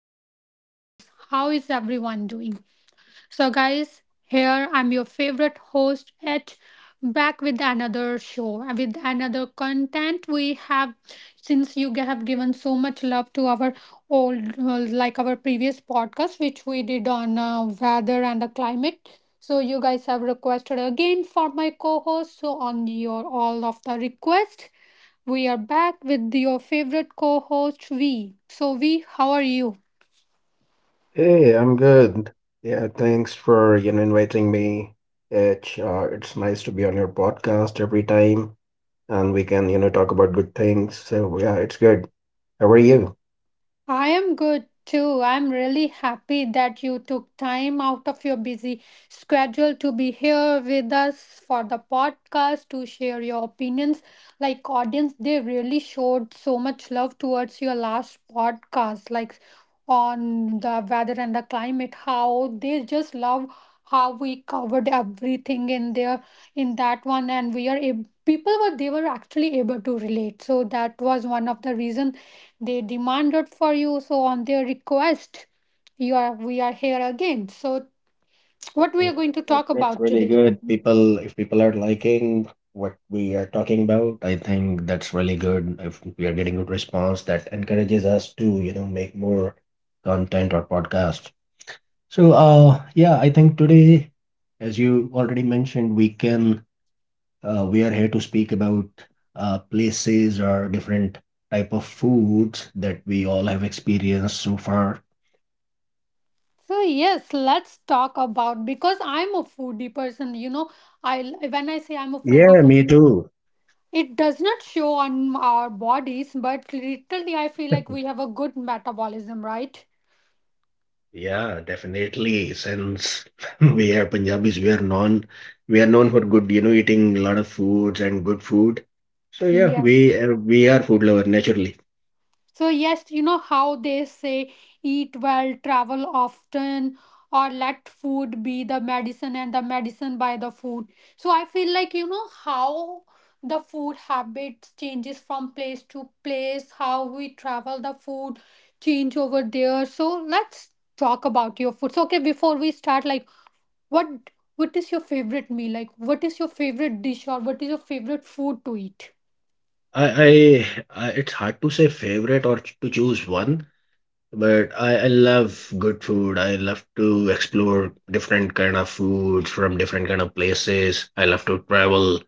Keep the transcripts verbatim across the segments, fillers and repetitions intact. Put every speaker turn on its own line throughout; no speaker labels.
How are you guys? How is everyone doing? So, guys, here I'm your favorite host at back with another show with another content we have since you g- have given so much love to our old uh, like our previous podcast which we did on uh, weather and the climate, so you guys have requested again for my co-host, so on your all of the request we are back with your favorite co-host V. so V, how are you?
Hey, I'm good. Yeah, thanks for, you know, inviting me. It's uh, it's nice to be on your podcast every time, and we can, you know, talk about good things. So yeah, it's good. How are you?
I am good too. I'm really happy that you took time out of your busy schedule to be here with us for the podcast to share your opinions. Like audience, they really showed so much love towards your last podcast, like on the weather and the climate, how they just love how we covered everything in there in that one. And we are ab- people were, they were actually able to relate, so that was one of the reason they demanded for you, so on their request you are we are here again. So what we are
Oh,
going to
that,
talk
that's
about
really
today?
good. People, if people are liking what we are talking about, I think that's really good. If we are getting good response, that encourages us to, you know, make more content or podcast. So, uh, yeah, I think today, as you already mentioned, we can Uh, we are here to speak about uh, places or different type of foods that we all have experienced so far.
So yes, let's talk about, because I'm a foodie person, you know. I when I say I'm a foodie
Yeah, me
person,
too.
it does not show on our bodies, but literally I feel like we have a good metabolism, right?
Yeah, definitely. Since we are Punjabis, we are known we are known for good, you know, eating a lot of foods and good food. So yeah,
Yes.
we uh, we are food lover naturally.
So, yes, you know how they say eat well, travel often, or let food be the medicine and the medicine by the food. So, I feel like you know how the food habit changes from place to place, how we travel, the food change over there. So, let's talk about your food. So, okay, before we start, like what what is your favorite meal? Like, what is your favorite dish or what is your favorite food to eat?
I, I I it's hard to say favorite or ch- to choose one. But I, I love good food. I love to explore different kind of foods from different kind of places. I love to travel.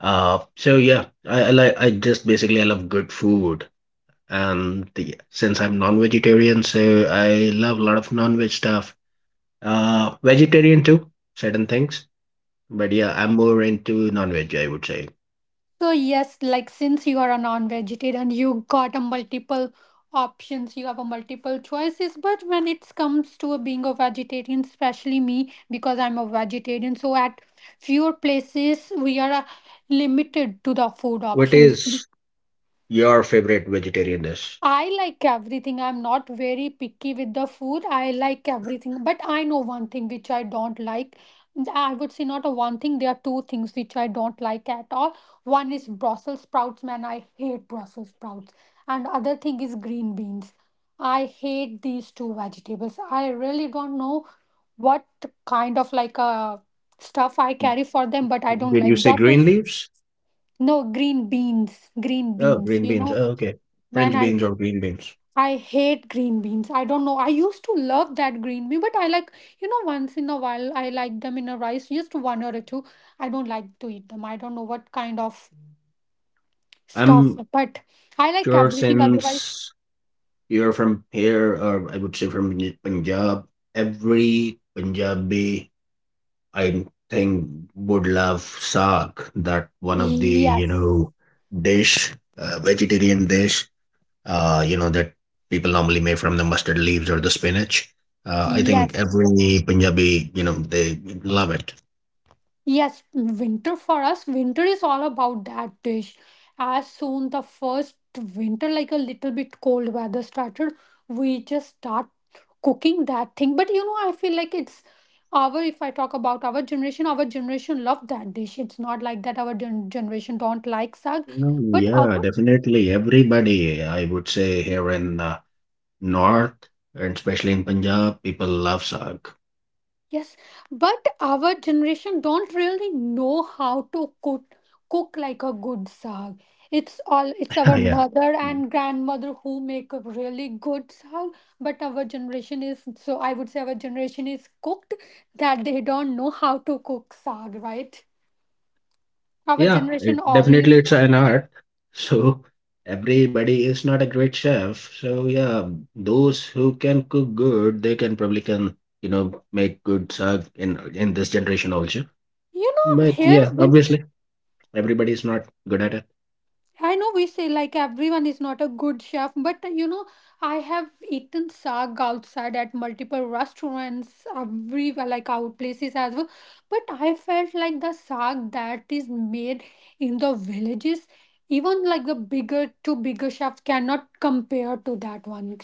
Uh, so yeah, I, I like I just basically I love good food. And the, since I'm non-vegetarian, so I love a lot of non-veg stuff. Uh, vegetarian too, certain things. But yeah, I'm more into non-veg, I would say.
So yes, like since you are a non-vegetarian, you got a multiple options, you have a multiple choices. But when it comes to being a vegetarian, especially me, because I'm a vegetarian, so at fewer places we are uh, limited to the food
What
options.
is your favorite vegetarian dish?
I like everything. I'm not very picky with the food. I like everything. But I know one thing which I don't like. I would say not a one thing. There are two things which I don't like at all. One is Brussels sprouts, man. I hate Brussels sprouts. And other thing is green beans. I hate these two vegetables. I really don't know what kind of like uh, stuff I carry for them, but I don't
Did
like
you say green
Brussels.
leaves?
No, green beans. Green
Oh,
beans.
green
You
beans.
know,
Oh, okay.
man,
French
I
beans or green beans.
I hate green beans. I don't know. I used to love that green bean, but I like, you know, once in a while I like them in a rice, just one or two. I don't like to eat them. I don't know what kind of stuff,
I'm
but I like
sure
everything otherwise.
since you're from here, or I would say from N- Punjab, every Punjabi, I think, would love saag. That one of the, you
Yes.
know, dish, uh, vegetarian dish, uh, you know, that people normally make from the mustard leaves or the spinach. Uh, I think
Yes.
every Punjabi, you know, they love it.
Yes, winter for us, winter is all about that dish. As soon the first winter, like a little bit cold weather started, we just start cooking that thing. But you know, I feel like it's our, if I talk about our generation, our generation love that dish. It's not like that our gen- generation don't like sag,
No.
but our
Yeah, definitely. Everybody, I would say, here in uh, North and especially in Punjab, people love saag.
Yes, but our generation don't really know how to cook cook like a good saag. It's all it's our
Yeah.
mother
Mm.
and grandmother who make a really good saag, but our generation is so, I would say, our generation is cooked that they don't know how to cook saag, right? Our
Yeah, it,
generation
definitely
only,
it's an art. So everybody is not a great chef. So yeah, those who can cook good, they can probably can, you know, make good saag in in this generation also.
you know,
But yeah,
here
obviously everybody is not good at it.
I know we say like everyone is not a good chef, but uh, you know, I have eaten sag outside at multiple restaurants, everywhere, like out places as well. But I felt like the sag that is made in the villages, even like the bigger to bigger chefs cannot compare to that one.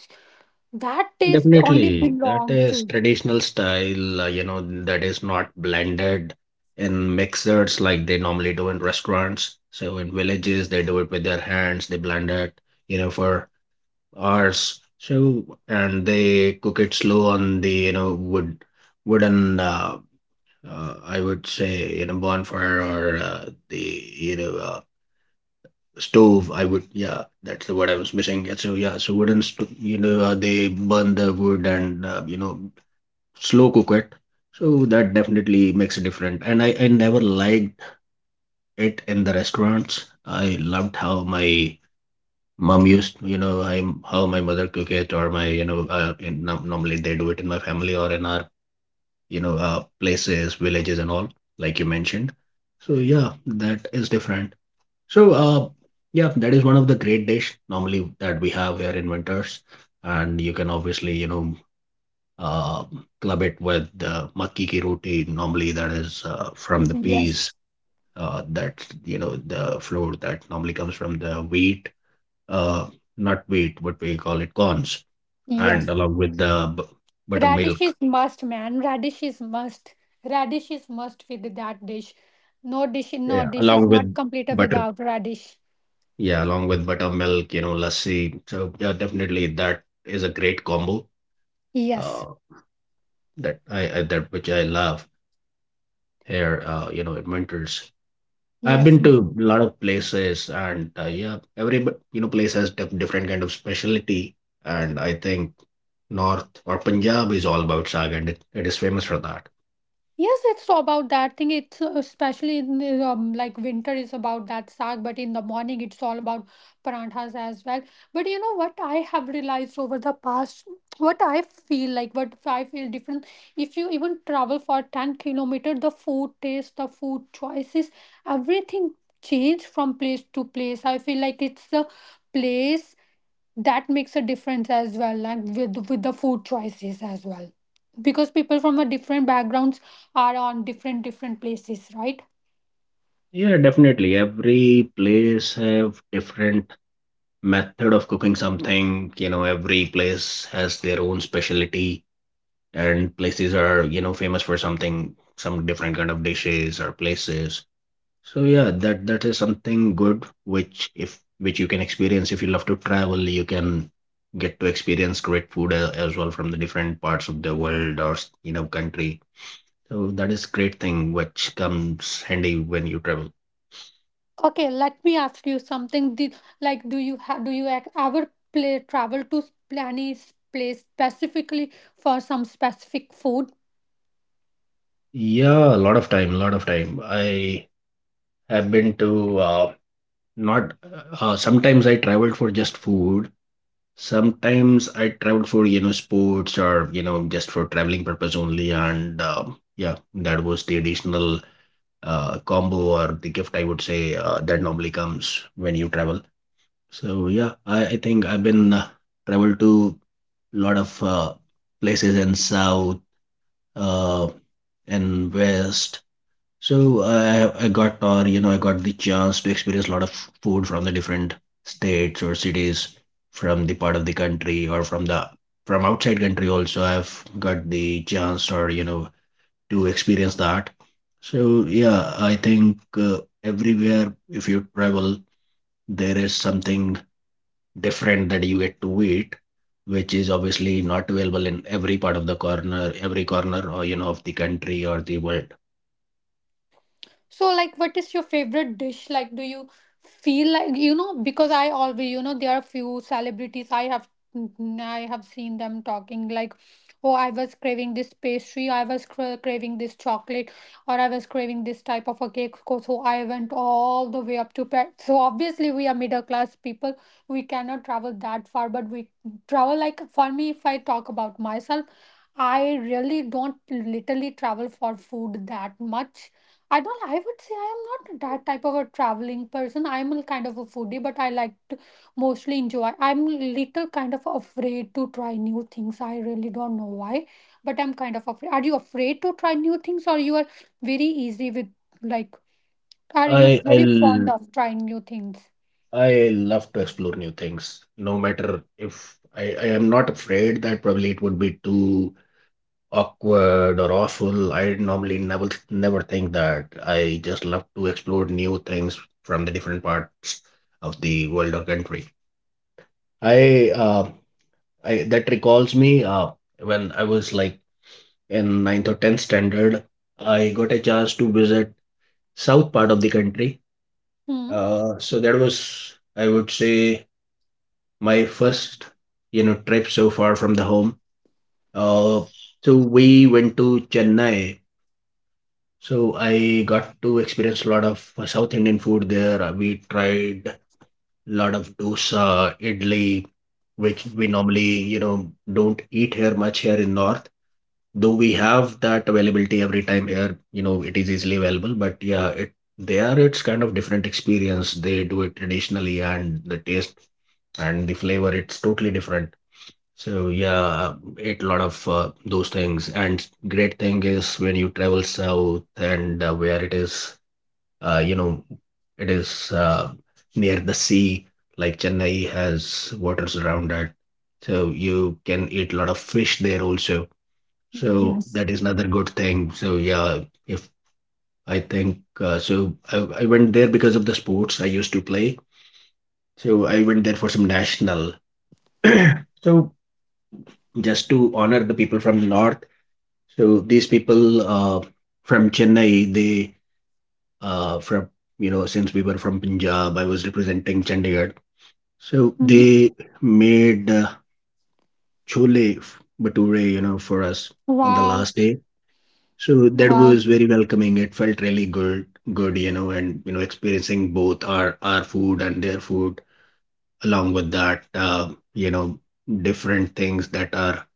That taste only
Definitely, that
belong
is
to.
traditional style, uh, you know, that is not blended in mixers like they normally do in restaurants. So in villages, they do it with their hands, they blend it, you know, for hours. So, and they cook it slow on the, you know, wood, wooden, uh, uh, I would say, you know, bonfire or uh, the, you know, uh, stove. I would, yeah, that's the word I was missing. Yeah. So, yeah, so wooden, sto- you know, uh, they burn the wood and, uh, you know, slow cook it so that definitely makes it different. And I, I never liked it in the restaurants. I loved how my mom used, you know, I how my mother cook it, or my, you know, uh, in, no- normally they do it in my family or in our, you know, uh, places, villages and all, like you mentioned. So yeah, that is different. So uh yeah, that is one of the great dish normally that we have here in winters. And you can obviously, you know, uh, club it with uh, makki ki roti. Normally, that is uh, from the peas.
Yes.
Uh, that's you know the flour that normally comes from the wheat, uh, not wheat, but we call it corns, and
Yes.
along with the b-
Radish
buttermilk.
is must, man. Radish is must. Radish is must with that dish. No dish, no
Yeah,
dish is
along with
not complete
butter.
without radish.
Yeah, along with buttermilk, you know, lassi. So yeah, definitely that is a great combo.
Yes,
Uh, that I, I that which I love here. Uh, you know, in winters. I've
yes.
been to a lot of places, and uh, yeah, every bu- you know place has dif- different kind of specialty, and I think North or Punjab is all about saag, and it, it is famous for that.
Yes, it's so about that thing. It's uh, especially in the, um, like winter is about that sag, but in the morning it's all about paranthas as well. But you know what I have realized over the past, what I feel like, what I feel different. If you even travel for ten kilometer, the food taste, the food choices, everything change from place to place. I feel like it's the place that makes a difference as well, like with with the food choices as well, because people from a different backgrounds are on different different places, right?
Yeah, definitely. Every place have different method of cooking something. You know, every place has their own specialty, and places are you know famous for something, some different kind of dishes or places. So yeah, that that is something good which if which you can experience. If you love to travel, you can get to experience great food a- as well from the different parts of the world or s- you know country. So that is great thing which comes handy when you travel.
Okay, let me ask you something, the, like do you have, do you ac- ever play travel to s- any s- place specifically for some specific food?
Yeah, a lot of time, a lot of time. I have been to uh, not uh, sometimes I traveled for just food. Sometimes I traveled for you know sports or you know just for traveling purpose only and um yeah that was the additional uh, combo or the gift I would say uh, that normally comes when you travel. So yeah, I, I think I've been uh, traveled to a lot of uh, places in south uh, and west. So I I got, or you know I got the chance to experience a lot of food from the different states or cities from the part of the country, or from the from outside country also I've got the chance or you know to experience that. So yeah, I think uh, everywhere if you travel, there is something different that you get to eat, which is obviously not available in every part of the corner, every corner or you know of the country or the world.
So, like, what is your favorite dish? Like, do you feel like, you know? Because I always, you know, there are few celebrities I have, mm, I have seen them talking like, oh, I was craving this pastry, I was cra- craving this chocolate, or I was craving this type of a cake. Co- So I went all the way up to Paris. So obviously, we are middle class people. We cannot travel that far, but we travel like for me. If I talk about myself, I really don't literally travel for food that much, I don't. I would say I am not that type of a traveling person. I'm a kind of a foodie, but I like to mostly enjoy. I'm little kind of afraid to try new things. I really don't know why, but I'm kind of afraid. Are you afraid to try new things, or you are very easy with like? Are you
I I
very fond
l-
of trying new things?
I love to explore new things, no matter if I, I am not afraid that probably it would be too awkward or awful, I normally never never think that. I just love to explore new things from the different parts of the world or country. I uh, I that recalls me uh, when I was like in ninth or tenth standard, I got a chance to visit south part of the country.
Hmm.
Uh, so that was I would say my first you know trip so far from the home. Uh, so we went to Chennai. So I got to experience a lot of uh, South Indian food there. Uh, We tried a lot of dosa, idli, which we normally, you know, don't eat here much here in North. Though we have that availability every time here, you know, it is easily available. But yeah, it there it's kind of different experience. They do it traditionally, and the taste and the flavor, it's totally different. So yeah, ate a lot of uh, those things. And great thing is when you travel south and uh, where it is uh, you know, it is uh, near the sea, like Chennai has waters around that. So you can eat a lot of fish there also. So that
Yes.
is another good thing. So yeah, if I think uh, so, I, I went there because of the sports I used to play. So I went there for some national. So just to honor the people from the north. So these people uh, from Chennai, they uh, from you know since we were from Punjab, I was representing Chandigarh. So
Mhm.
they made uh, chole f- bhature, you know, for us on the
Wow!
last day. So that
Wow!
was very welcoming. It felt really good, good, you know, and you know, experiencing both our our food and their food along with that, uh, you know, different things that are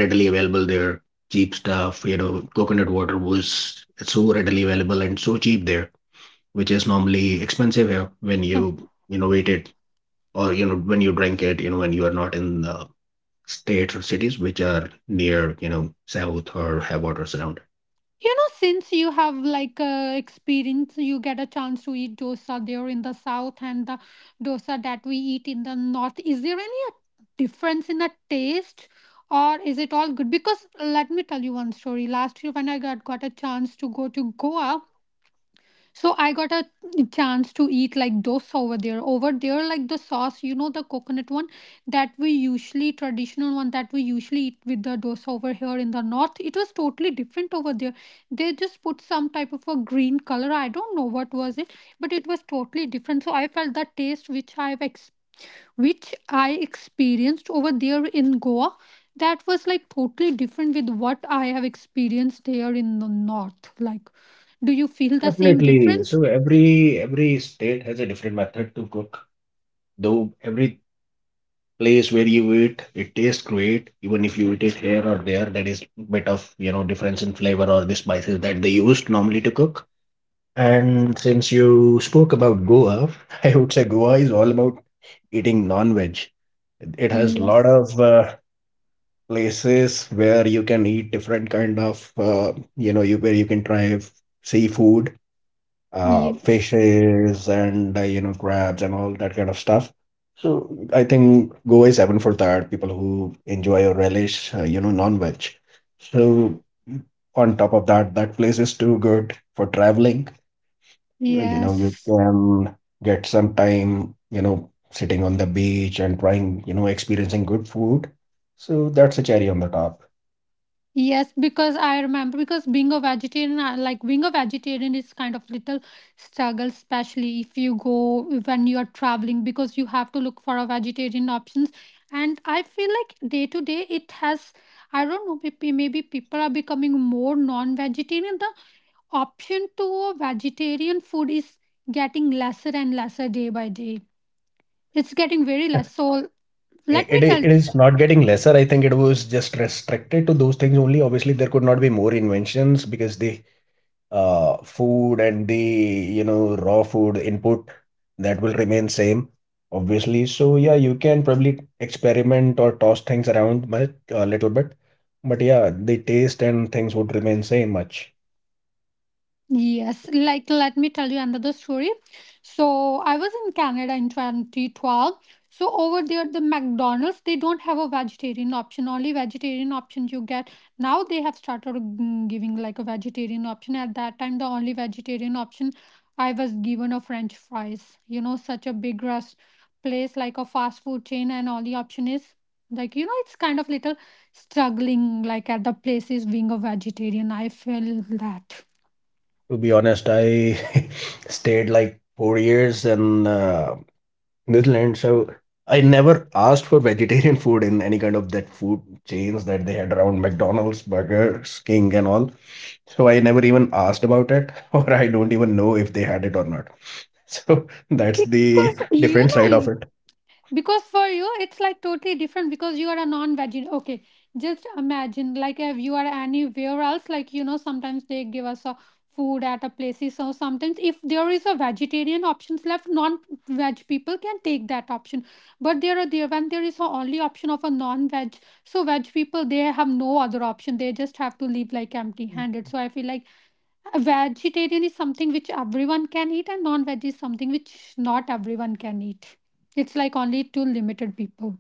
readily available there, cheap stuff. You know, coconut water was so readily available and so cheap there, which is normally expensive here when you you know wait it or you know when you drink it you know when you are not in the states or cities which are near you know south or have water surrounded.
You know, since you have like uh, experience, you get a chance to eat dosa there in the south and the dosa that we eat in the north. Is there any a difference in the taste, or is it all good? Because let me tell you one story. Last year, when I got got a chance to go to Goa, so I got a chance to eat like dosa over there. Over there, like the sauce, you know, the coconut one that we usually traditional one that we usually eat with the dosa over here in the north. It was totally different over there. They just put some type of a green color. I don't know what was it, but it was totally different. So I felt the taste which I've ex- which I experienced over there in Goa. That was like totally different with what I have experienced here in the north. Like, do you feel the same
Definitely.
difference?
So every every state has a different method to cook. Though every place where you eat, it tastes great. Even if you eat it here or there, there is bit of, you know, difference in flavor or the spices that they used normally to cook. And since you spoke about Goa, I would say Goa is all about eating non-veg. It has lot
Yes,
of uh, places where you can eat different kind of uh, you know you where you can try f- seafood uh
yes,
fishes and uh, you know, crabs and all that kind of stuff, so I think Goa is heaven for that people who enjoy or relish uh, you know, non-veg. So on top of that, that place is too good for traveling. You know, you
yes,
can get some time, you know, sitting on the beach and trying, you know, experiencing good food. So that's a cherry on the top.
yes. Because I remember, because being a vegetarian, I- like being a vegetarian is kind of little struggle, especially if you go when you are traveling, because you have to look for a vegetarian options. And I feel like day to day it has, I don't know, maybe maybe people are becoming more non-vegetarian. The option to a vegetarian food is getting lesser and lesser day by day. It's getting very less. So let me
it,
tell
it it is not getting lesser. I think it was just restricted to those things only. Obviously there could not be more inventions, because the uh, food and the, you know, raw food input, that will remain same obviously. So yeah, you can probably experiment or toss things around much a little bit, but yeah, the taste and things would remain same much.
Yes, like let me tell you another story. So I was in Canada in twenty twelve. So over there, the McDonald's they don't have a vegetarian option. Only vegetarian option you get now. They have started mm, giving like a vegetarian option. At that time, the only vegetarian option I was given a French fries. You know, such a big rest place like a fast food chain, and all the option is like, you know, it's kind of little struggling like at the places being a vegetarian. I feel that.
To be honest, I stayed like four years in uh, Netherlands. So I never asked for vegetarian food in any kind of that food chains that they had around McDonald's, Burger King, and all. So I never even asked about it, or I don't even know if they had it or not. So that's
Because
the
you
different side
know,
of it.
because for you it's like totally different, because you are a non-vegetarian. Okay, just imagine, like if you are anywhere else like, you know, sometimes they give us a food at a places. So sometimes if there is a vegetarian options left, non-veg people can take that option, but there are there when there is a only option of a non-veg, so veg people, they have no other option, they just have to leave, like, empty handed. So I feel like vegetarian is something which everyone can eat, and non-veg is something which not everyone can eat. It's like only to limited people.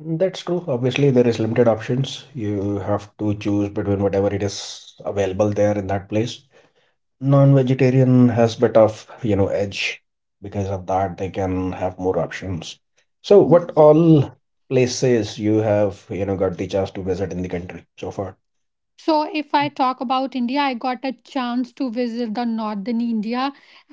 That's true. Obviously there is limited options. You have to choose between whatever it is available there in that place. Non-vegetarian has bit of, you know, edge, because of that they can have more options. So what
Y-
all places you have, you know, got the chance to visit in the country so far?
so if I talk about India, I got a chance to visit the northern India,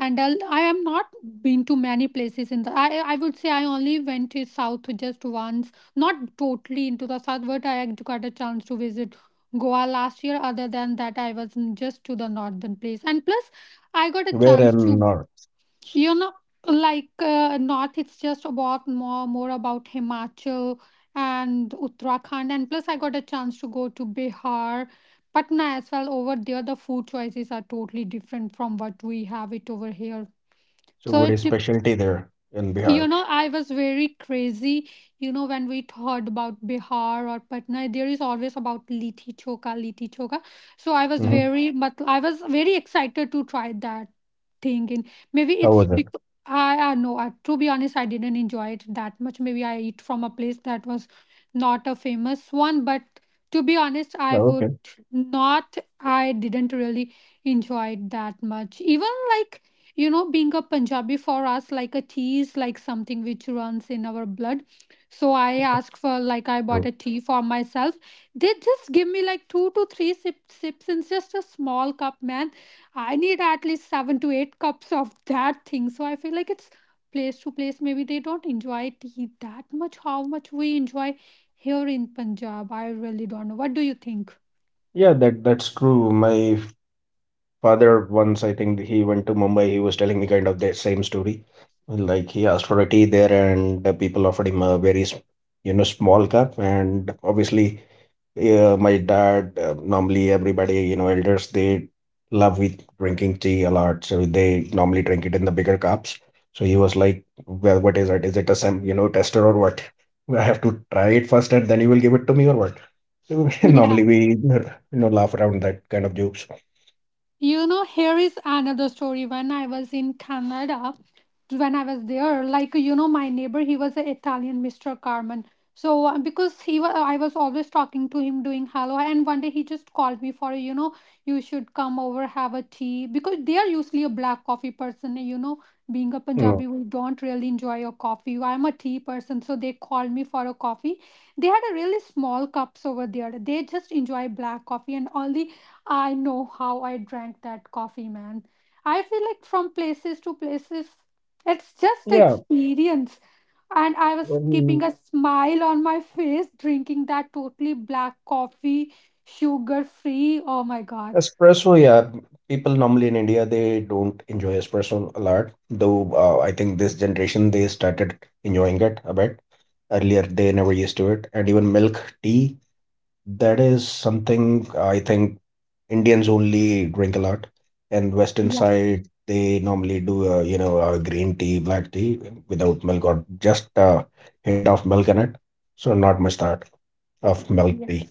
and I'll- I am not been to many places in the i I would say I only went to south just once, not totally into the south, but I got a chance to visit Goa last year. Other than that, I was just to the northern place, and plus I got a
Where
chance to,
in north?
you know, like, uh, north, it's just about more more about Himachal and Uttarakhand, and plus I got a chance to go to Bihar, Patna as well. Over there the food choices are totally different from what we have it over here.
So
So
what is
it,
specialty there in
you
Bihar?
know, I was very crazy. You know, when we thought about Bihar or Patna, there is always about litti choka, litti choka. So I was
Hmm.
very, but I was very excited to try that thing. And maybe
How
it's
was it?
because i i know I, to be honest, I didn't enjoy it that much. Maybe I eat from a place that was not a famous one. But to be honest, I
Oh,
would
okay.
not I didn't really enjoy it that much. Even like, you know, being a Punjabi, for us, like, a tea is like something which runs in our blood. So I asked for like, I bought a
True.
tea for myself. They just give me like two to three sips, sips in just a small cup, man. I need at least seven to eight cups of that thing. So I feel like it's place to place. Maybe they don't enjoy tea that much how much we enjoy here in Punjab. I really don't know. What do you think?
Yeah, that that's true. My father, once I think he went to Mumbai, he was telling me kind of the same story. Like he asked for a tea there and the people offered him a very s- you know, small cup. And obviously uh, my dad, uh, normally everybody, you know, elders, they love with drinking tea a lot, so they normally drink it in the bigger cups. So he was like, well, what is it, is it a sem, you know, tester or what, I have to try it first and then you will give it to me or what. So normally
Yeah.
we, you know, laugh around that kind of jokes.
You know, here is another story. When I was in Canada, when I was there, like, you know, my neighbor, he was an Italian, Mister Carmen. So uh, because he was, I was always talking to him, doing hello, and one day he just called me for, you know, you should come over, have a tea, because they are usually a black coffee person. You know, being a
Mm.
Punjabi, we don't really enjoy a coffee. I'm a tea person, so they called me for a coffee. They had a really small cups over there. They just enjoy black coffee, and only I know how I drank that coffee, man. I feel like from places to places, it's just
Yeah.
experience. And I was keeping
Um,
a smile on my face, drinking that totally black coffee, sugar free. Oh my God.
Espresso, yeah. People normally in India, they don't enjoy espresso a lot. Though uh, I think this generation they started enjoying it a bit. Earlier they never used to it, and even milk tea, that is something, uh, I think Indians only drink a lot, and Western
Yes.
side they normally do uh, you know uh, green tea, black tea without milk or just a hint of milk in it. So not much that of milk
Yes.
tea.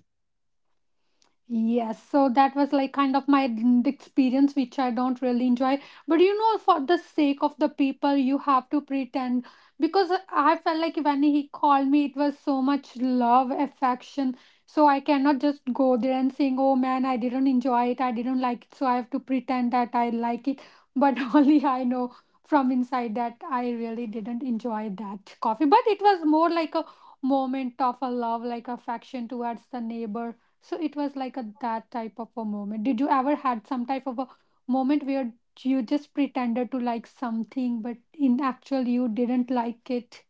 Yes, so that was like kind of my n- experience, which I don't really enjoy. But you know, for the sake of the people, you have to pretend, because I felt like when he called me, it was so much love, affection. So I cannot just go there and saying, "Oh man, I didn't enjoy it. I didn't like it." So I have to pretend that I like it. But only I know from inside that I really didn't enjoy that coffee. But it was more like a moment of a love, like affection towards the neighbor. So it was like a that type of a moment. Did you ever had some type of a moment where you just pretended to like something, but in actual you didn't like it?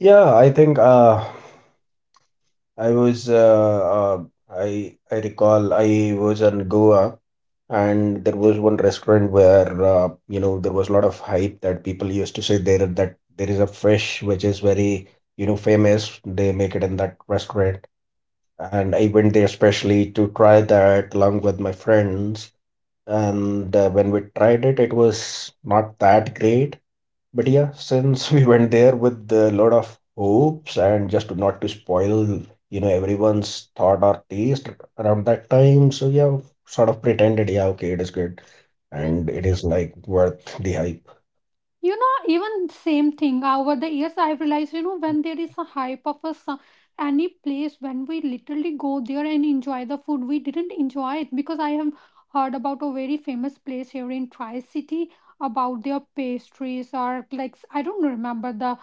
Yeah, I think. Uh, I was, uh, uh, I I recall I was in Goa, and there was one restaurant where uh, you know, there was a lot of hype that people used to say there, that there is a fish which is very, you know, famous. They make it in that restaurant, and I went there especially to try that along with my friends. And uh, when we tried it, it was not that great, but yeah, since we went there with a lot of hopes and just to not to spoil, you know, everyone's thought or taste around that time. So yeah, sort of pretended, yeah, okay, it is good
You
and it is like worth the hype.
you know, even same thing. Over the years, I've realized, you know, when there is a hype of a some, any place, when we literally go there and enjoy the food, we didn't enjoy it. Because I have heard about a very famous place here in Tri City about their pastries, or like, I don't remember the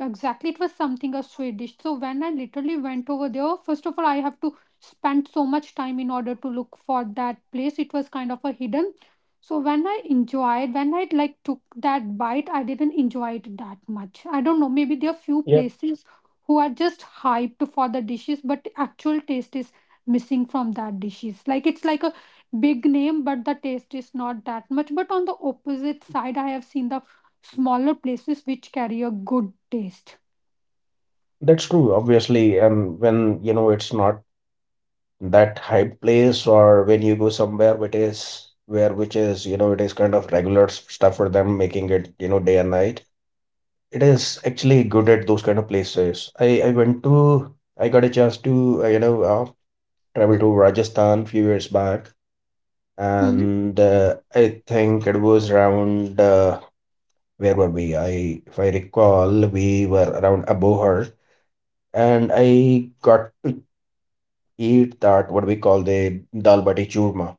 exactly, it was something a Swedish. So when I literally went over there, first of all, I have to spend so much time in order to look for that place. It was kind of a hidden. So when I enjoyed, when I like took that bite, I didn't enjoy it that much. I don't know. Maybe there are few
Yeah,
places who are just hyped for the dishes, but actual taste is missing from that dishes. Like, it's like a big name, but the taste is not that much. But on the opposite side, I have seen the smaller places which carry a good taste.
that's true, obviously. And when, you know, it's not that hype place, or when you go somewhere which is where which is, you know, it is kind of regular s- stuff for them making it, you know, day and night, it is actually good at those kind of places. I, I went to, I got a chance to, uh, you know, uh, travel to Rajasthan few years back.
Mhm.
And uh, I think it was around, uh, where were we? I, if I recall, we were around Abohar. And I got to eat that, what we call the dal bati churma.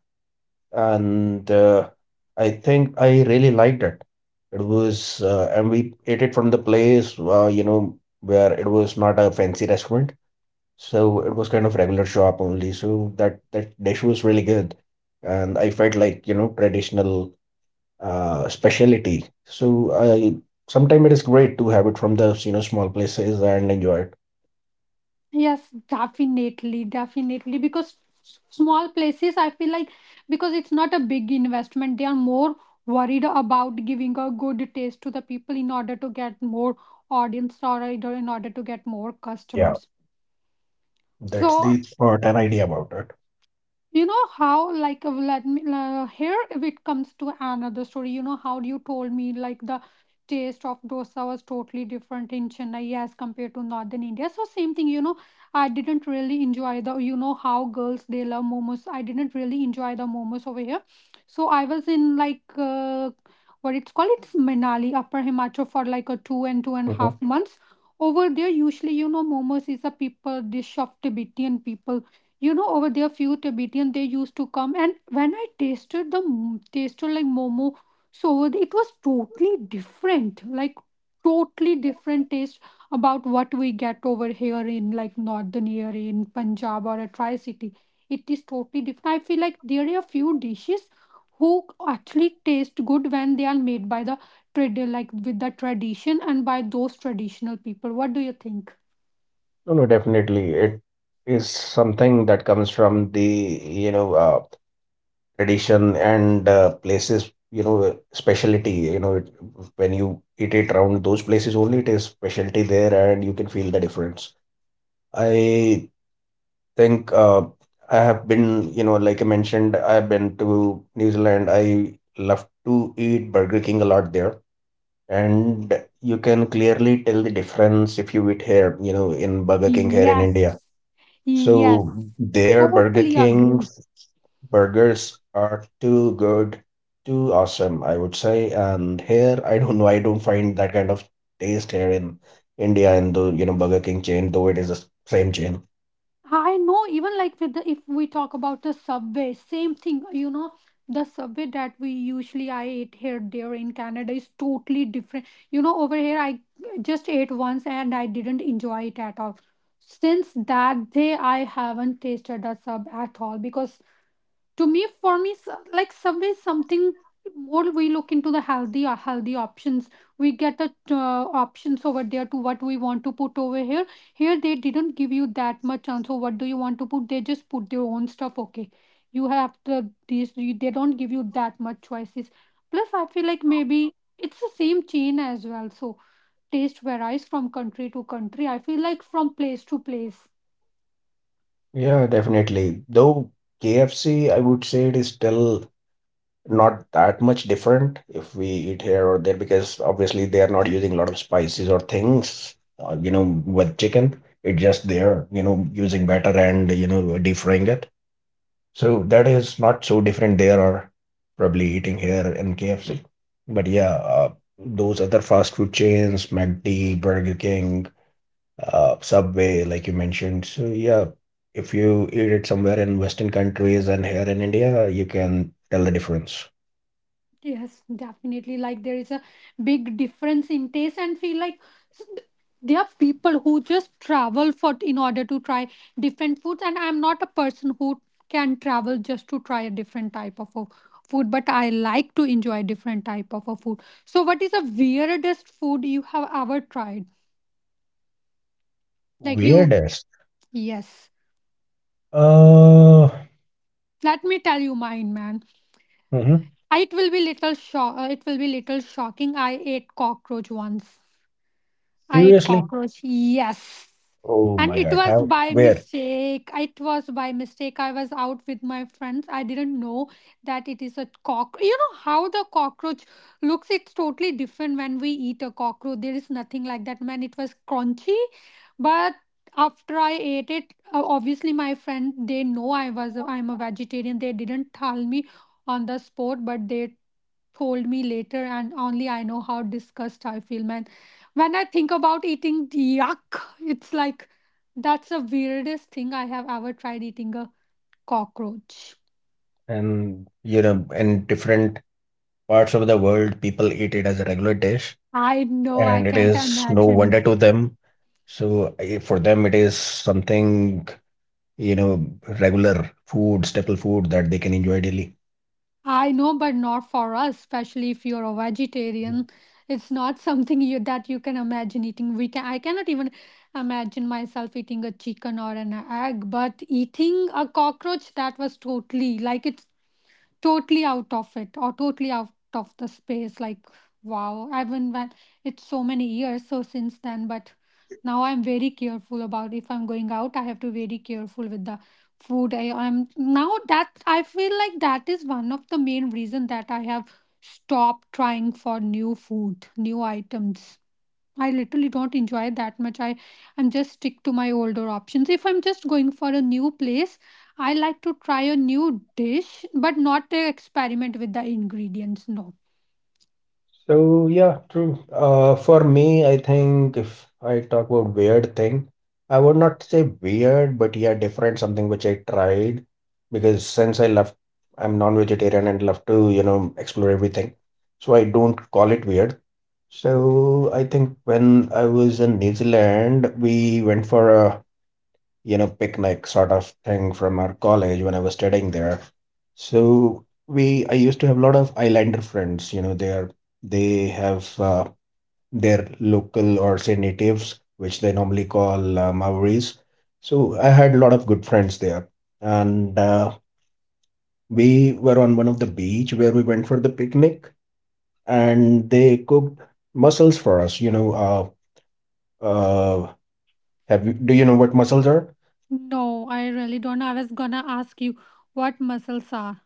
And uh, I think I really liked it. It was, uh, and we ate it from the place, uh, you know, where it was not a fancy restaurant, so it was kind of regular shop only. So that that dish was really good, and I felt like, you know, traditional uh, specialty. So I sometimes, it is great to have it from the, you know, small places and enjoy it.
Yes, definitely, definitely. Because s- small places, I feel like, because it's not a big investment, they are more worried about giving a good taste to the people in order to get more audience, or in order to get more
Yeah,
customers.
that's
So
the thought and idea about it.
you know how like, uh, let me uh, here, if it comes to another story, you know how you told me like the taste of dosa was totally different in Chennai as compared to northern India? So same thing, you know, I didn't really enjoy the, you know how girls, they love momos, I didn't really enjoy the momos over here. So I was in like, uh, what it's called, it's Manali, upper Himachal, for like a two and two and a
Mm-hmm.
half months. Over there usually, you know, momos is a people dish of Tibetan people. You know, over there few Tibetan they used to come, and when I tasted the m- tasted like momo, so it was totally different, like totally different taste about what we get over here in like northern area in Punjab or a Tri-City. It is totally different. I feel like there are a few dishes who actually taste good when they are made by the trad like with the tradition, and by those traditional people. What do you think?
No, no, definitely. It is something that comes from the, you know, uh, tradition and uh, places, you know, specialty. You know, it, when you eat it around those places only, it is specialty there and you can feel the difference. I think uh, I have been, you know, like I mentioned, I've been to New Zealand. I love to eat Burger King a lot there. And you can clearly tell the difference if you eat here, you know, in Burger King here in India.
Yes. Yes.
So their Burger
Totally agree.
King's burgers are too good, too awesome, I would say. And here, I don't know, I don't find that kind of taste here in India in the, you know, Burger King chain, though it is the same chain.
I know, even like with the, if we talk about the Subway, same thing, you know, the Subway that we usually I ate here there in Canada is totally different. You know, over here I just ate once and I didn't enjoy it at all. Since that day I haven't tasted a sub at all, because to me, for me, so- like Subway is something more we look into the healthy uh, healthy options. We get a uh, options over there to what we want to put over here. Here they didn't give you that much chance, so what do you want to put, they just put their own stuff. Okay, you have the these, you- they don't give you that much choices. Plus I feel like maybe it's the same chain as well, so taste varies from country to country, I feel like, from place to place.
Yeah, definitely. Though K F C, I would say, it is still not that much different if we eat here or there, because obviously they are not using a lot of spices or things, uh, you know, with chicken. It's just they are, you know, using batter and, you know, deep frying it. So that is not so different there or probably eating here in K F C. But yeah, uh, those other fast food chains, McD, Burger King, uh, Subway, like you mentioned. So yeah, if you eat it somewhere in Western countries and here in India, you can tell the difference.
Yes, definitely. Like, there is a big difference in taste, and feel like s- there are people who just travel for in order to try different foods. And I'm not a person who can travel just to try a different type of a food, but I like to enjoy different type of a food. So, what is the weirdest food you have ever tried? Like you,
Weirdest.
yes.
Uh,
Let me tell you mine, man.
mhm.
I- It will be little shock. It will be little shocking. I ate cockroach once. I ate
Seriously?
cockroach. Yes.
Oh
And
my
it
God.
was
How?
by
Where?
mistake. It was by mistake. I was out with my friends. I didn't know that it is a cockroach. You know how the cockroach looks? It's totally different when we eat a cockroach. There is nothing like that. Man, it was crunchy. But after I ate it, uh, obviously my friend, they know I was I'm a vegetarian. They didn't tell me on the spot, but they told me later, and only I know how disgust I feel, man, when I think about eating. Yuck, it's like that's the weirdest thing I have ever tried, eating a cockroach.
And you know, in different parts of the world, people eat it as a regular dish.
I know, I
And it
can't
is no
imagine.
wonder to them. So eh, for them, it is something, you know, regular food, staple food that they can enjoy daily.
I know, but not for us, especially if you're a vegetarian. It's not something you that you can imagine eating. We can I cannot even imagine myself eating a chicken or an egg, but eating a cockroach, that was totally like, it's totally out of it, or totally out of the space. Like, wow. I even when, it's so many years so since then, but now I'm very careful about, if I'm going out, I have to very careful with the food I am. Now that, I feel like that is one of the main reason that I have stopped trying for new food, new items. I literally don't enjoy that much. I I'm just stick to my older options. If I'm just going for a new place, I like to try a new dish, but not to experiment with the ingredients. No,
So yeah, true. Uh, for me, I think if I talk about weird thing, I would not say weird, but yeah, different something which I tried, because since I left, I'm non-vegetarian and love to, you know, explore everything. So I don't call it weird. So I think when I was in New Zealand, we went for a, you know, picnic sort of thing from our college when I was studying there. So we, I used to have a lot of islander friends. You know, they are, they have uh, their local or say natives, which they normally call uh, Maoris. So I had a lot of good friends there, and uh, we were on one of the beach where we went for the picnic, and they cooked mussels for us. You know, uh, uh, have you, do you know what mussels are?
no, I really don't know. I was gonna ask you what muscles are.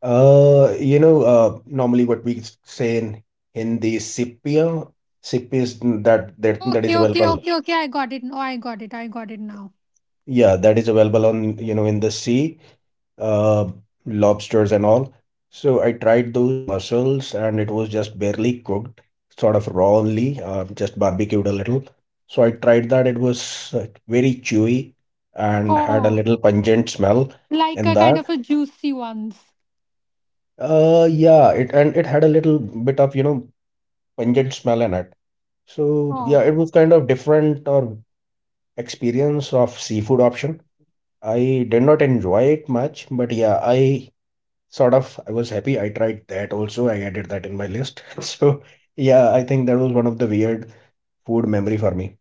Uh, you know, uh, normally what we s- say in Hindi, sipia, sip is that that that is
Okay, okay,
available.
okay, okay. I got it. Oh, I got it. I got it now.
Yeah, that is available on, you know, in the sea, uh, lobsters and all. So I tried those mussels and it was just barely cooked, sort of raw only, uh, just barbecued a little. So I tried that. It was uh, very chewy and had a
Oh,
little pungent smell
like
in
a
that.
kind of a juicy ones.
Uh, yeah, it and it had a little bit of, you know, pungent smell in it. So yeah,
Oh,
it was kind of different or experience of seafood option. I did not enjoy it much, but yeah, I sort of, I was happy I tried that also. I added that in my list. So yeah, I think that was one of the weird food memory for me.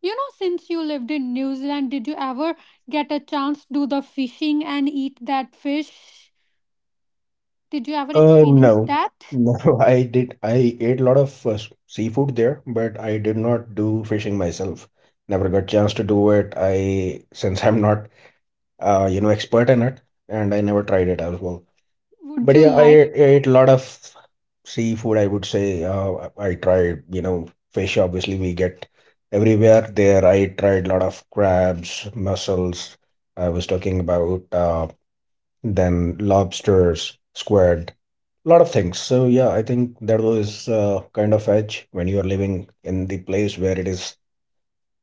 you know, since you lived in New Zealand, did you ever get a chance to do the fishing and eat that fish? Did you ever
Um,
experience
no,
that?
no, I did. I ate a lot of uh, s- seafood there, but I did not do fishing myself. Never got chance to do it. I, since I'm not uh, you know, expert in it, and I never tried it as well. But
Would
yeah,
you
I
like
ate I ate a lot of seafood, I would say. Uh, I I tried, you know, fish obviously we get everywhere there. I tried a lot of crabs, mussels. I was talking about uh, then lobsters, squid, a lot of things. So yeah, I think that was uh, kind of edge when you are living in the place where it is,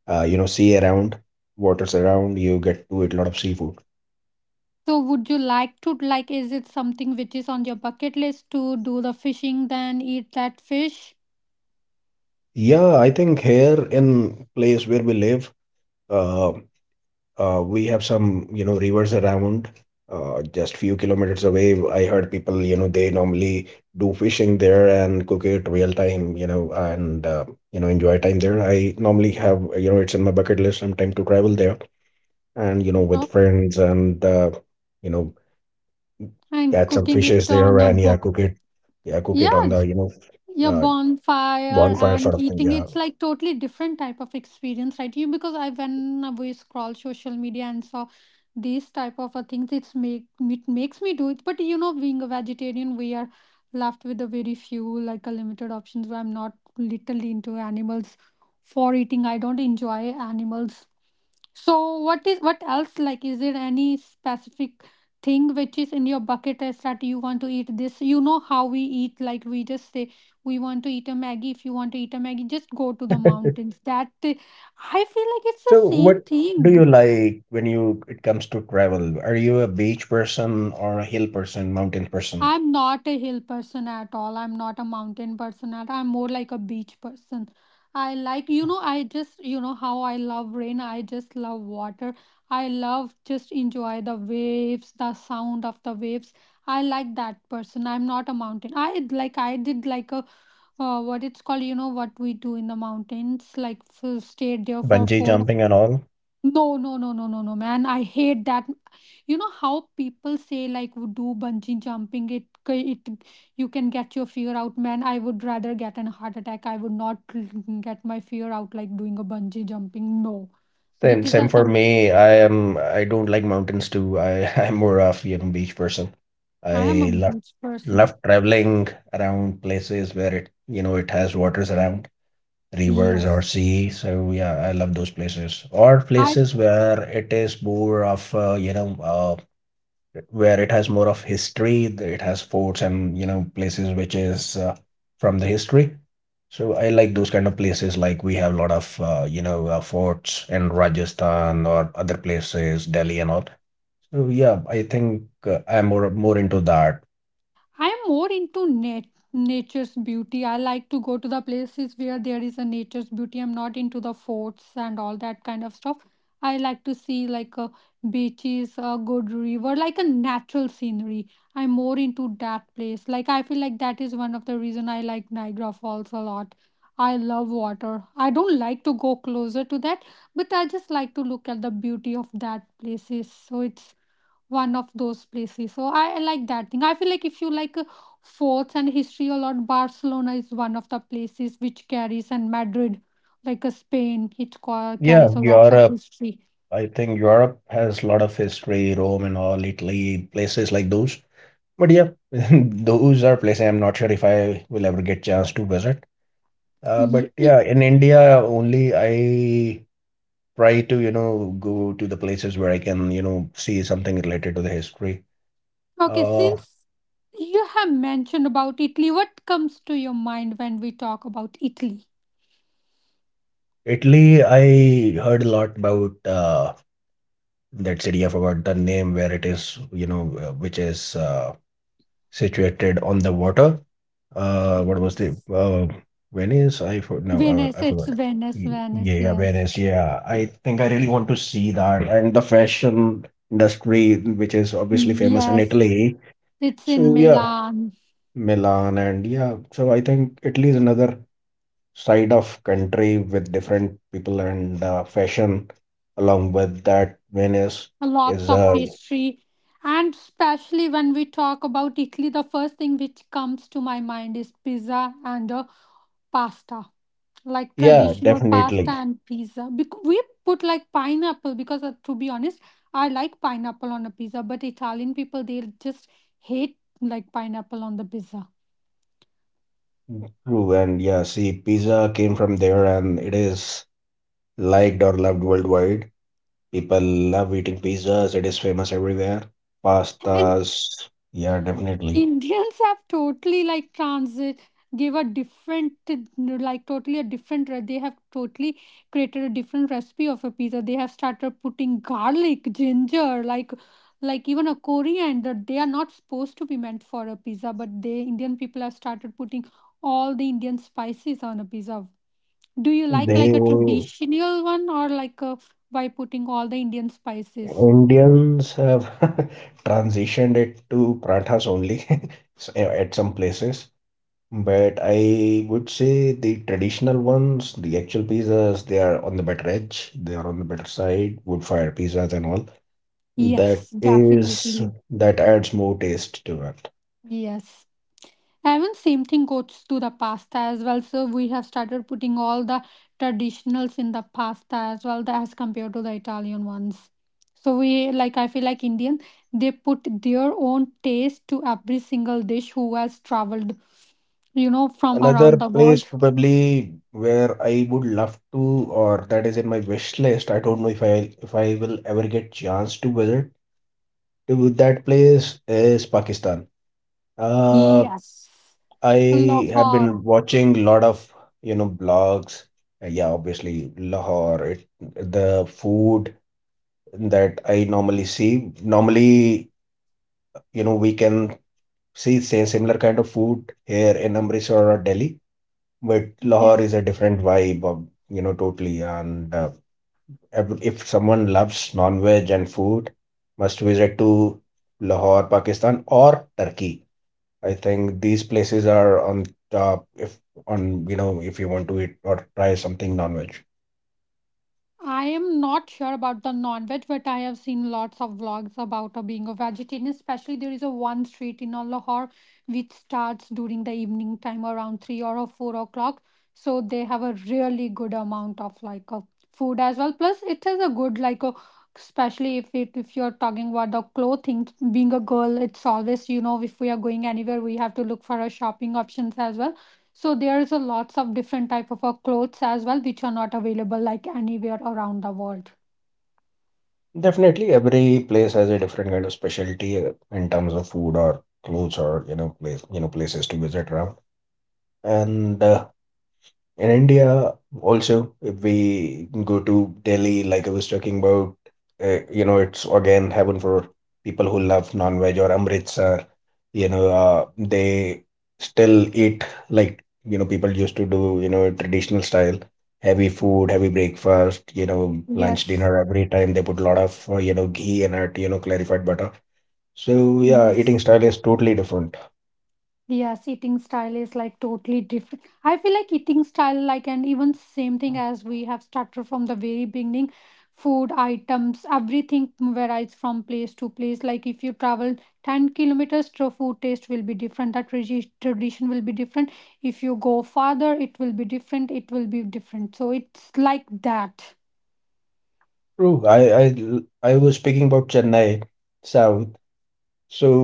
uh, you know, sea around, waters around, you get to eat a lot of seafood.
So would you like to like, is it something which is on your bucket list to do the fishing then eat that fish?
Yeah, I think here in place where we live, uh, Uh, we have some, you know, rivers around, uh, just few kilometers away. I heard people, you know, they normally do fishing there and cook it real time, you know, and uh, you know, enjoy time there. I normally have, you know, it's in my bucket list sometime to travel there, and you know, with
No.
friends and uh, you know,
And
catch some
cooking
fishes
it
there,
on a
and yeah,
bo,
cook it, yeah, cook it on
yeah,
the, you know,
your
uh,
bonfire
bonfire sort
and
of thing.
eating
Yeah.
it's like totally different type of experience, right? you Because I, when we scroll social media and saw these type of uh, things, it's make it makes me do it. But you know, being a vegetarian, we are left with a very few, like a limited options, where I'm not literally into animals for eating. I don't enjoy animals. So what is, what else, like, is there any specific thing which is in your bucket list that you want to eat? This You know how we eat, like we just say we want to eat a maggie. If you want to eat a maggie, just go to the mountains. That I feel like it's the
So,
same
what do
thing.
you like when you it comes to travel? Are you a beach person or a hill person, mountain person?
I'm not a hill person at all. I'm not a mountain person at. I'm more like a beach person. I like, you know, I just, you know how I love rain, I just love water. I love just enjoy the waves, the sound of the waves. I like that person. I'm not a mountain. I like, I did like a uh, what it's called, you know what we do in the mountains, like f- stayed there for
Bungee
four or...
jumping and all?
No, no, no, no, no, no, man. I hate that. You know how people say like would do bungee jumping, it c- it you can get your fear out, man. I would rather get an heart attack. I would not get my fear out like doing a bungee jumping. No.
Same,
That is
same
a
for
some.
me. I am. I don't like mountains too. I I'm more of, you know, beach person.
I am a
I love
beach person.
love traveling around places where it, you know, it has waters around, rivers or
Yes.
sea. So yeah, I love those places or places where it is more of uh, you know uh, where it has more of history. It has forts and you know, places which is uh, from the history. So I like those kind of places. Like we have a lot of uh, you know uh, forts in Rajasthan or other places, Delhi and all. So yeah, I think uh, I'm more more into that.
I'm more into nat- nature's beauty. I like to go to the places where there is a nature's beauty. I'm not into the forts and all that kind of stuff. I like to see like a beaches, a good river, like a natural scenery. I'm more into that place. Like I feel like that is one of the reason I like Niagara Falls a lot. I love water. I don't like to go closer to that, but I just like to look at the beauty of that places. So it's one of those places. So I, I like that thing. I feel like if you like uh, forts and history a lot, Barcelona is one of the places which carries, and Madrid, like, uh, Spain, it ca- carries
Yeah,
a lot of
Europe.
history.
I think Europe has a lot of history, Rome and all, Italy, places like those. But yeah, those are places I'm not sure if I will ever get chance to visit. Uh,
Ye-
but
e,
yeah, in India only I try to you know go to the places where I can you know see something related to the history.
okay,
Uh,
since you have mentioned about Italy, what comes to your mind when we talk about Italy?
Italy, I heard a lot about uh, that city. I forgot the name where it is, you know, uh, which is uh, situated on the water. Uh, what was the uh, Venice? I for no, uh,
Venice,
I
it's
forgot.
Venice,
Y-
Venice.
Yeah, yeah,
Yes,
Venice. Yeah, I think I really want to see that, and the fashion industry, which is obviously famous in
yes,
Italy.
it's in
So yeah,
Milan.
Milan, and yeah, so I think Italy is another side of country with different people and uh, fashion, along with that Venice
Lots
is
of
uh
history. And especially when we talk about Italy, the first thing which comes to my mind is pizza and uh, pasta, like
yeah,
traditional pasta
definitely
and pizza. Bec- we put like pineapple, because uh, to be honest, I like pineapple on a pizza, but Italian people, they just hate like pineapple on the pizza.
true. And yeah, see, pizza came from there and it is liked or loved worldwide. People love eating pizzas, it is famous everywhere. Pastas, yeah, definitely.
Indians have totally like transit, gave a different, like totally a different re- they have totally created a different recipe of a pizza. They have started putting garlic, ginger, like like even a coriander. They are not supposed to be meant for a pizza, but they Indian people have started putting all the Indian spices on a pizza. Do you like like
They
a traditional one, or like a, by putting all the Indian spices?
Indians have transitioned it to parathas only. so, uh, at some places But I would say the traditional ones, the actual pizzas, they are on the better edge. They are on the better side, wood fire pizzas and all.
Yes,
That
definitely.
is, that adds more taste to it.
Yes. Even same thing goes to the pasta as well. So we have started putting all the traditionals in the pasta as well, tha- as compared to the Italian ones. So we like, I feel like Indian, they put their own taste to every single dish who has traveled, you know, from around
Another
the
place
world.
probably where I would love to, or that is in my wish list. I don't know if I if I will ever get chance to visit to that place is Pakistan. Uh,
Yes.
I have
Lahore.
been watching a lot of, you know, blogs. Uh, Yeah, obviously Lahore, it, the food that I normally see. Normally, you know, we can see same similar kind of food here in Amritsar or Delhi, but Lahore
Yes.
is a different vibe of, you know, totally. And uh, ev- if someone loves non-veg and food, must visit to Lahore, Pakistan or Turkey. I think these places are on top if, on, you know, if you want to eat or try something non-veg.
I am not sure about the non-veg, but I have seen lots of vlogs about uh, being a vegetarian. Especially, there is a one street in uh, Lahore, which starts during the evening time around three or uh, four o'clock. So they have a really good amount of like uh, food as well. Plus, it is a good like uh, especially if it, if you're talking about the clothing. Being a girl, it's always, you know, if we are going anywhere, we have to look for a shopping options as well. So there's a lots of different type of uh, clothes as well which are not available like anywhere around the world.
Definitely, every place has a different kind of specialty uh, in terms of food or clothes or you know place you know places to visit around. And uh, In India, also, if we go to Delhi, like I was talking about, uh, you know, it's again heaven for people who love non-veg or Amritsar. You know, uh, they still eat like, you know, people used to do, you know, traditional style, heavy food, heavy breakfast, you know, lunch,
Yes.
dinner, every time they put a lot of, uh, you know, ghee in it, you know, clarified butter. So yeah,
Yes.
eating style is totally different.
Yes, eating style is like totally different. I feel like eating style, like, and even same thing as we have started from the very beginning. Food items, everything varies from place to place. Like if you travel ten kilometers, the food taste will be different, that tradi- tradition will be different. If you go farther, it will be different, it will be different. So it's like that.
True. I I l- I was speaking about Chennai South. So,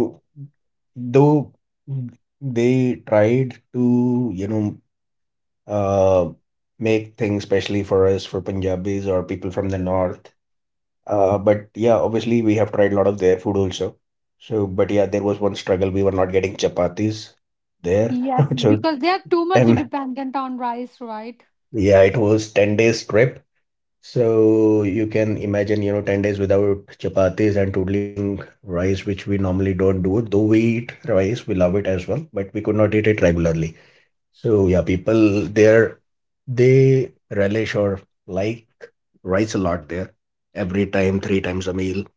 though mm, they tried to, you know, uh, make things especially for us, for Punjabis or people from the north. Uh, but yeah, obviously we have tried a lot of their food also. So, but yeah, there was one struggle. We were not getting chapatis there.
Yes,
So,
because they are too much
and
dependent on rice, right?
yeah, it was ten days trip. So you can imagine, you know, ten days without chapatis and totally eating rice, which we normally don't do. Though we eat rice, we love it as well, but we could not eat it regularly. So yeah, people there, they relish or like rice a lot there. Every time, three times a meal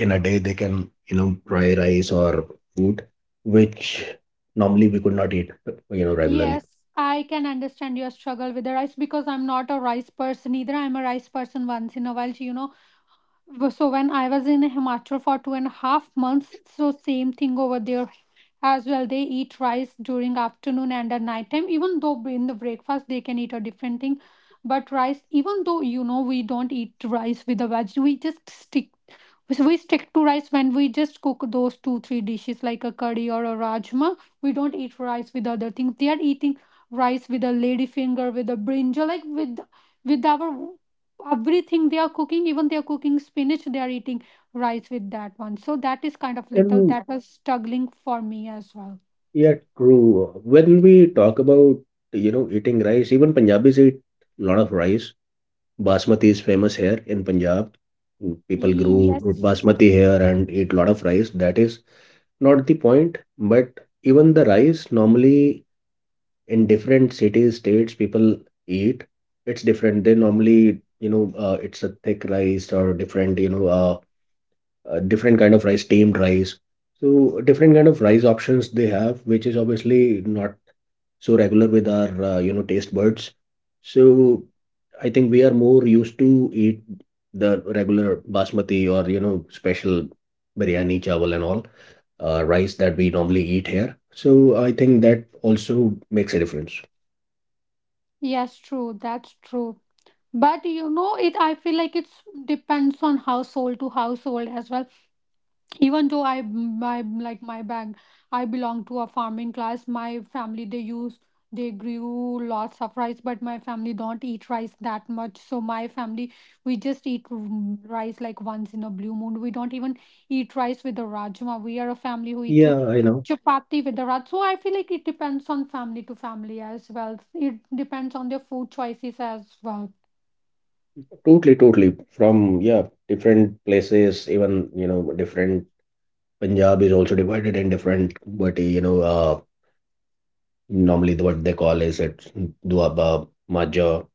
in a day, they can, you know, fry rice or food, which normally we could not eat, you know, regularly.
Yes, I can understand your struggle with the rice, because I'm not a rice person either. I'm a rice person once in a while, so you know. W- So when I was in Himachal for two and a half months, so same thing over there as well. They eat rice during afternoon and at night time. Even though in the breakfast they can eat a different thing, but rice. Even though you know we don't eat rice with the veg, we just stick. So we stick to rice when we just cook those two three dishes like a curry or a rajma. We don't eat rice with other things. They are eating rice with a lady finger, with a brinjal, like with with our, everything they are cooking. Even they are cooking spinach, they are eating rice with that one. So that is kind of little,
And
that was struggling for me as well.
yeah, true. When we talk about, you know, eating rice, even Punjabis eat a lot of rice. Basmati is famous here in Punjab. Mm, People
Yes,
grow basmati here and eat a lot of rice. That is not the point, but even the rice normally in different cities, states, people eat. It's different. They normally, you know, uh, it's a thick rice or different, you know, uh, uh, different kind of rice, steamed rice. So different kind of rice options they have, which is obviously not so regular with our uh, you know taste buds. So I think we are more used to eat the regular basmati or you know special biryani chawal and all uh, rice that we normally eat here. So I think that also makes a difference.
yes, true, that's true. But you know, it I feel like it's depends on household to household as well. Even though I my like my bag, I belong to a farming class. My family, they use, they grew lots of rice, but my family don't eat rice that much. So my family, we just eat mm, rice like once in a blue moon. We don't even eat rice with the rajma. We are a family who eat
Yeah, I know.
chapati with the raj. So I feel like it depends on family to family as well. It depends on their food choices as well.
Totally totally From yeah different places, even you know different. Punjab is also divided in different, but you know uh normally, the, what they call is it, duaba, majha.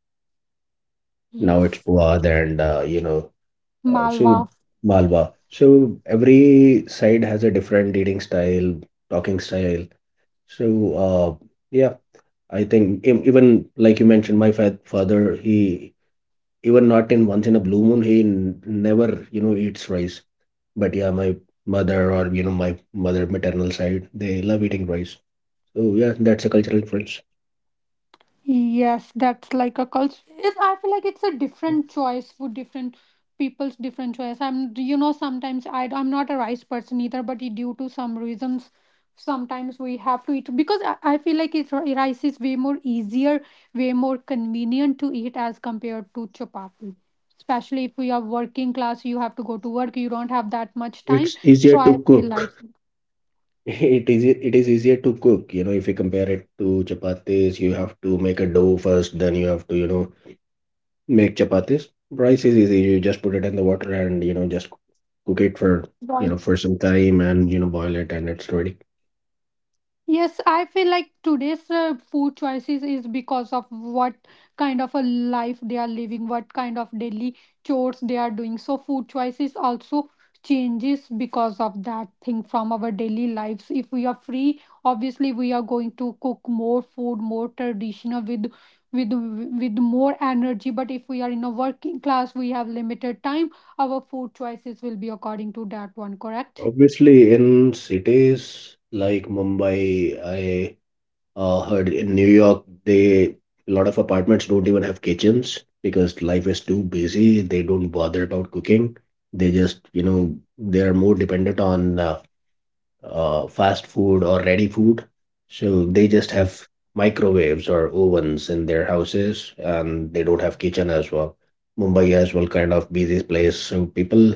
Now it's
Yes.
Puad and uh, you know, uh,
Malwa.
so Malwa. So every side has a different eating style, talking style. So uh, yeah, I think e- even like you mentioned, my fa father, he even not in once in a blue moon, he n never you know eats rice. But yeah, my mother or you know my mother maternal side, they love eating rice. So yeah, that's a cultural difference.
Yes, that's like a culture. It's I feel like it's a different choice for different people's different choice. I'm, you know, sometimes I I'm not a rice person either, but due to some reasons, sometimes we have to eat. Because I, I feel like it's rice is way more easier, way more convenient to eat as compared to chapati. Especially if we are working class, you have to go to work, you don't have that much time.
It's easier
So
to
I feel like...
cook. It is ea- it is easier to cook, you know, if you compare it to chapatis, you have to make a dough first, then you have to, you know, make chapatis. Rice is easy. You just put it in the water and, you know, just cook it for, you know, for some time and, you know, boil it and it's ready.
Yes, I feel like today's uh, food choices is because of what kind of a life they are living, what kind of daily chores they are doing. So food choices also changes because of that thing from our daily lives. If we are free, obviously we are going to cook more food, more traditional with with with more energy. But if we are in a working class, we have limited time. Our food choices will be according to that one, correct?
Obviously, in cities like Mumbai, I. Uh, heard in New York, they, a lot of apartments don't even have kitchens because life is too busy. They don't bother about cooking. They just, you know, they are more dependent on uh, uh, fast food or ready food. So they just
Yes.
have microwaves or ovens in their houses, and they don't have kitchen as well. Mumbai as well, kind of busy place. So people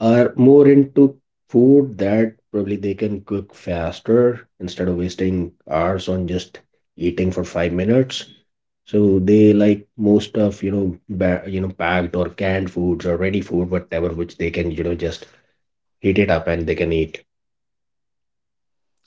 are more into food that probably they can cook faster instead of wasting hours on just eating for five minutes. So they like most of you know ba- you know packed or canned foods or ready food whatever which they can you know just heat it up and they can eat.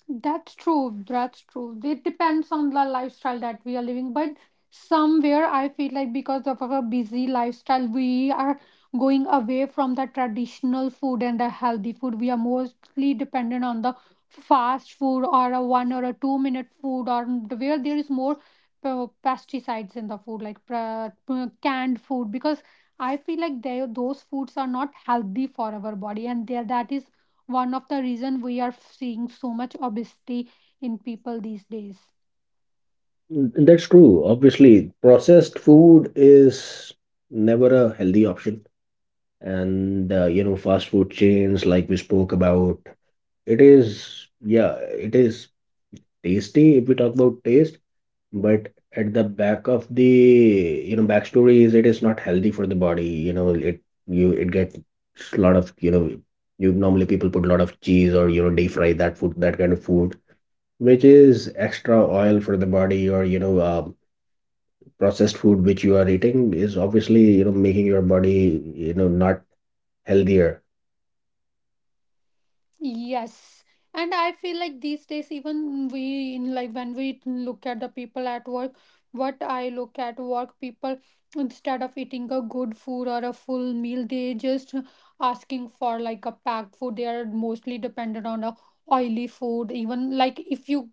That's true, that's true. It depends on the lifestyle that we are living. But somewhere I feel like because of our busy lifestyle, we are going away from the traditional food and the healthy food. We are mostly dependent on the fast food or a one or a two minute food, or the- where there is more uh, pesticides in the food, like pra- uh, canned food. Because I feel like they, those foods are not healthy for our body, and there that is one of the reason we are seeing so much obesity in people these days.
Mm, That's true. Obviously, processed food is never a healthy option, and uh, you know fast food chains like we spoke about, it is yeah it is tasty, if we talk about taste, but at the back of the, you know, backstory is it is not healthy for the body. You know, it, you, it gets a lot of, you know, you normally people put a lot of cheese or, you know, deep fry that food, that kind of food, which is extra oil for the body or, you know, uh, processed food which you are eating is obviously, you know, making your body, you know, not healthier.
Yes. And I feel like these days, even we in like when we look at the people at work, what I look at work people, instead of eating a good food or a full meal, they just asking for like a packed food. They are mostly dependent on a oily food. Even like if you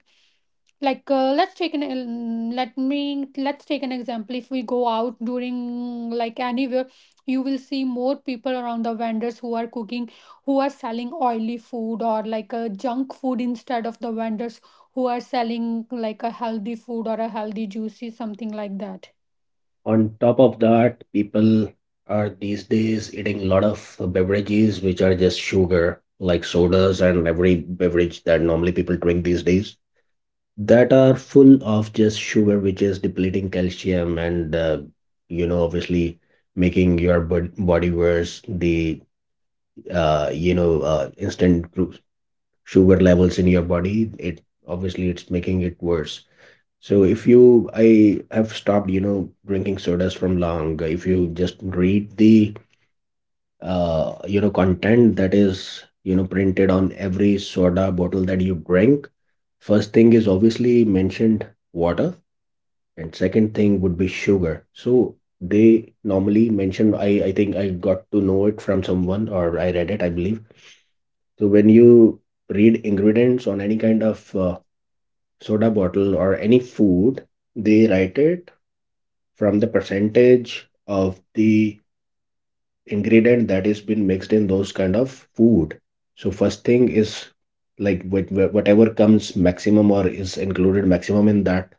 like uh, let's take an um, let me let's take an example. If we go out during like anywhere, you will see more people around the vendors who are cooking, who are selling oily food or like a junk food, instead of the vendors who are selling like a healthy food or a healthy juicy something like that.
On top of that, people are these days eating a lot of beverages which are just sugar, like sodas, and every beverage that normally people drink these days, that are full of just sugar, which is depleting calcium and, uh, you know, obviously making your bod- body worse. The, uh, you know, uh, instant glu- sugar levels in your body, it obviously it's making it worse. So if you, I have stopped, you know, drinking sodas from long. If you just read the, uh, you know, content that is, you know, printed on every soda bottle that you drink, first thing is obviously mentioned water, and second thing would be sugar. So they normally mention, I, I think I got to know it from someone or I read it, I believe. So when you read ingredients on any kind of uh, soda bottle or any food, they write it from the percentage of the ingredient that is been mixed in those kind of food. So first thing is like wh- wh- whatever comes maximum or is included maximum in that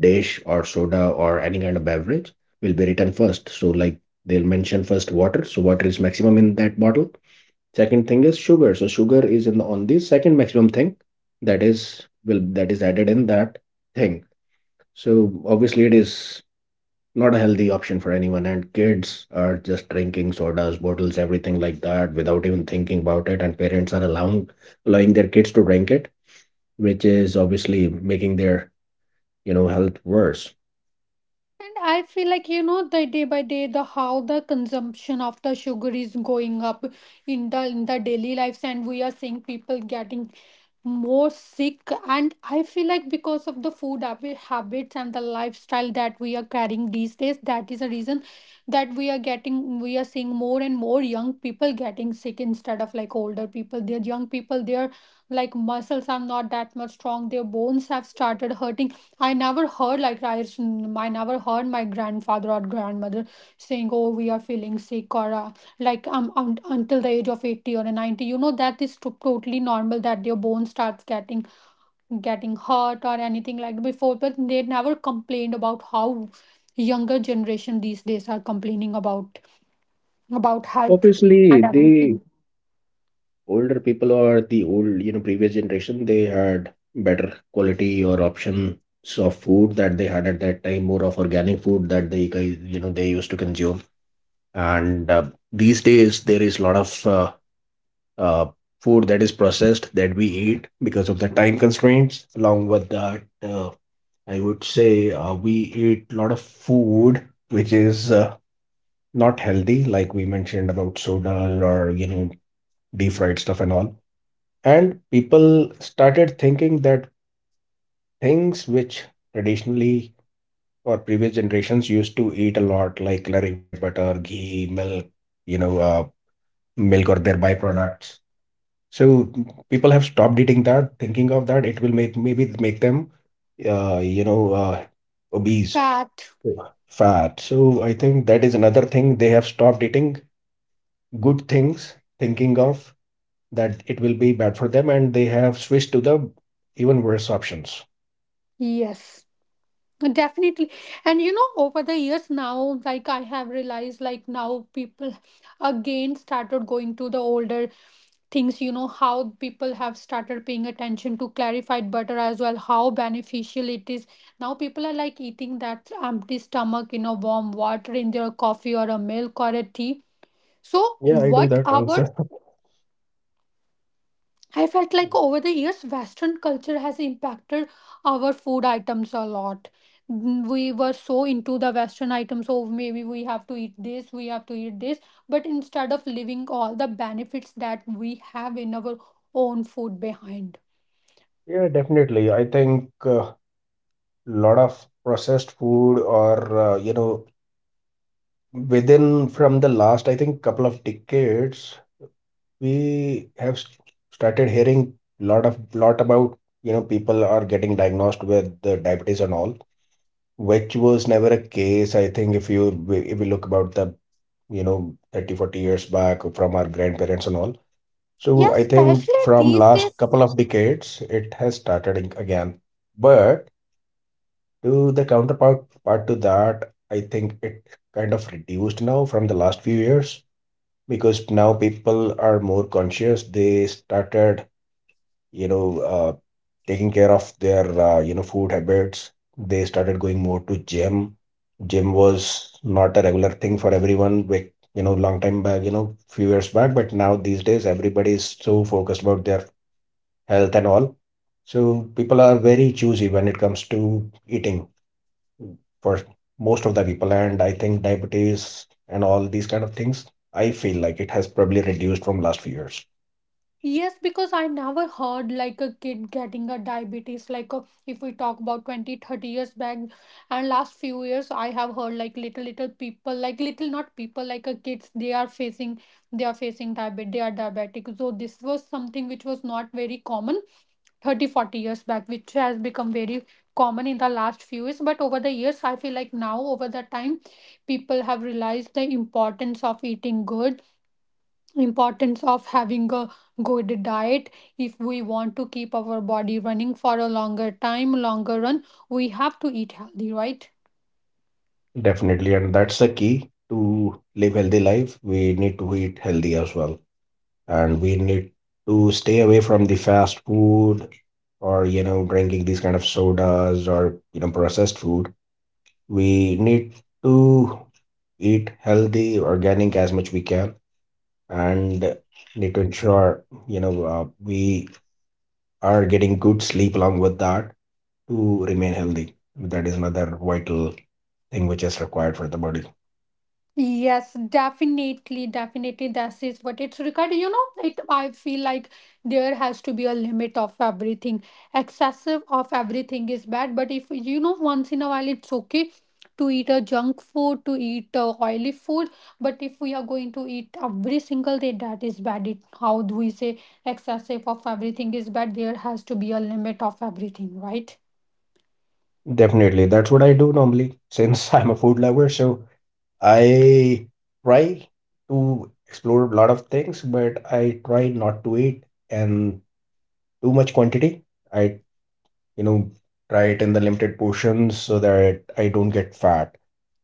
dish or soda or any kind of beverage will be written first. So like they'll mention first water, so water is maximum in that bottle. Second thing is sugar, so sugar is in on the second maximum thing that is, will, that is added in that thing. So obviously it is not a healthy option for anyone, and kids are just drinking sodas bottles everything like that without even thinking about it, and parents are allowing allowing their kids to drink it, which is obviously making their you know health worse.
And I feel like, you know, the day by day, the how the consumption of the sugar is going up in the in the daily lives, and we are seeing people getting more sick. And I feel like because of the food habi- habits and the lifestyle that we are carrying these days, that is a reason that we are getting we are seeing more and more young people getting sick instead of like older people. Their Young people, their like muscles are not that much strong, their bones have started hurting. I never heard like I, s- mm, I never heard my grandfather or grandmother saying, "Oh, we are feeling sick," or uh, like um un- until the age of eighty or ninety. You know that is to- totally normal that your bone starts getting getting hurt or anything like before. But they never complained about how younger generation these days are complaining about about health
Obviously
and
the
everything.
older people or the old you know previous generation, they had better quality or options of food that they had at that time, more of organic food that they guys you know they used to consume. And uh, these days there is a lot of uh, uh, food that is processed that we eat because of the time constraints. Along with that, uh, I would say uh, we eat a lot of food which is uh, not healthy, like we mentioned about soda or you know deep fried stuff and all. And people started thinking that things which traditionally or previous generations used to eat a lot, like clarified butter, ghee, milk, you know, uh, milk or their byproducts. So people have stopped eating that, thinking of that it will make maybe make them uh, you know uh, obese.
Fat,
Yeah, fat. So I think that is another thing. They have stopped eating good things, thinking of that it will be bad for them, and they have switched to the even worse options.
yes. Definitely. And you know, over the years now, like I have realized, like now people again started going to the older things, you know, how people have started paying attention to clarified butter as well, how beneficial it is. Now people are like eating that empty stomach in a warm water in their coffee or a milk or a tea. So,
Yeah, I do
what
that
our
also.
I felt like over the years, Western culture has impacted our food items a lot. Mm, We were so into the Western items, so maybe we have to eat this, we have to eat this. But instead of leaving all the benefits that we have in our own food behind.
Yeah, definitely. I think a lot of processed food or uh, you know within from the last I think couple of decades, we have s- started hearing lot of lot about you know people are getting diagnosed with the diabetes and all, which was never a case. I think if you if we look about the you know thirty forty years back from our grandparents and all. So
Yes,
I think
especially
from
these
last couple
days,
of decades it has started ag- again. But to the counterpart part to that, I think it kind of reduced now from the last few years because now people are more conscious. They started you know, uh, taking care of their uh, you know food habits. They started going more to gym. Gym was not a regular thing for everyone. Like you know, long time back, you know, few years back, but now these days everybody is so focused about their health and all. So people are very choosy when it comes to eating for most of the people. And I think diabetes and all these kind of things, I feel like it has probably reduced from last few years.
yes, because I never heard like a kid getting a diabetes. Like uh, if we talk about twenty, thirty years back and last few years, I have heard like little, little people, like little, not people, like uh, kids, they are facing, they are facing diabetes, they are diabetic. So this was something which was not very common thirty, forty years back, which has become very common in the last few years. But over the years, I feel like now over the time, people have realized the importance of eating good, importance of having a good diet. If we want to keep our body running for a longer time, longer run, we have to eat healthy, right?
Definitely, and that's the key to live healthy life. We need to eat healthy as well, and we need to stay away from the fast food or you know drinking these kind of sodas or you know processed food. We need to eat healthy organic as much we can, and need to ensure you know uh, we are getting good sleep along with that to remain healthy. That is another vital thing which is required for the body.
Yes, definitely, definitely. That is what it's required. You know, it. I feel like there has to be a limit of everything. Excessive of everything is bad, but if you know, once in a while, it's okay to eat a junk food, to eat uh, oily food. But if we are going to eat every single day, that is bad. It, how do we say, excessive of everything is bad? There has to be a limit of everything, right?
Definitely, that's what I do normally, since I'm a food lover. So I try to explore a lot of things, but I try not to eat and too much quantity. i you know, try it in the limited portions so that I don't get fat.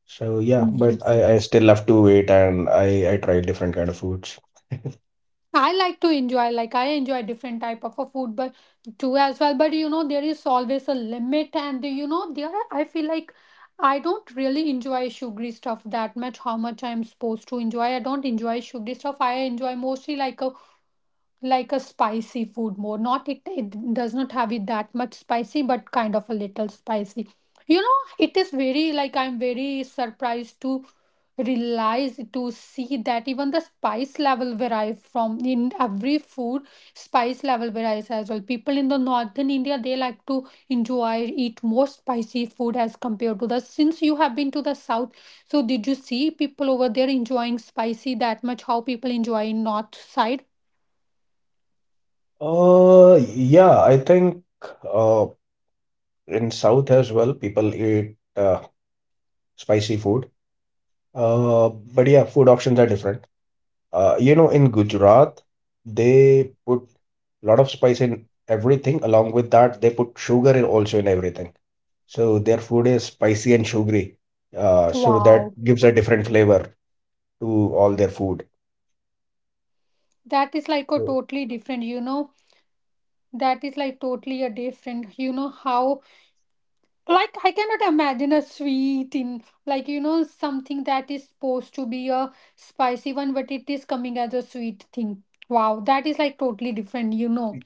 So yeah, but
Yes.
I, I still love to wait, and I, I try different kind of foods.
I like to enjoy, like I enjoy different type of a food, but too as well, but you know there is always a limit, and you know there are, I feel like I don't really enjoy sugary stuff that much, how much I'm supposed to enjoy. I don't enjoy sugary stuff. I enjoy mostly like a like a spicy food more, not it, it does not have it that much spicy, but kind of a little spicy, you know. It is very like, I'm very surprised to realize, to see that even the spice level varies from in every food. Spice level varies as well. People in the Northern India, they like to enjoy, eat more spicy food as compared to the, since you have been to the South, so did you see people over there enjoying spicy that much, how people enjoy in north side?
Uh, yeah, I think uh in South as well, people eat uh spicy food. Uh, but yeah, food options are different. Uh, you know, in Gujarat, they put a lot of spice in everything. Along with that, they put sugar in also in everything. So their food is spicy and sugary. Uh, so that
Wow,
gives a different flavor to all their food.
that is like a
So,
totally different, you know, that is like totally a different, you know, how, like I cannot imagine a sweet in, like, you know, something that is supposed to be a spicy one, but it is coming as a sweet thing. Wow, that is like totally different, you know.
y-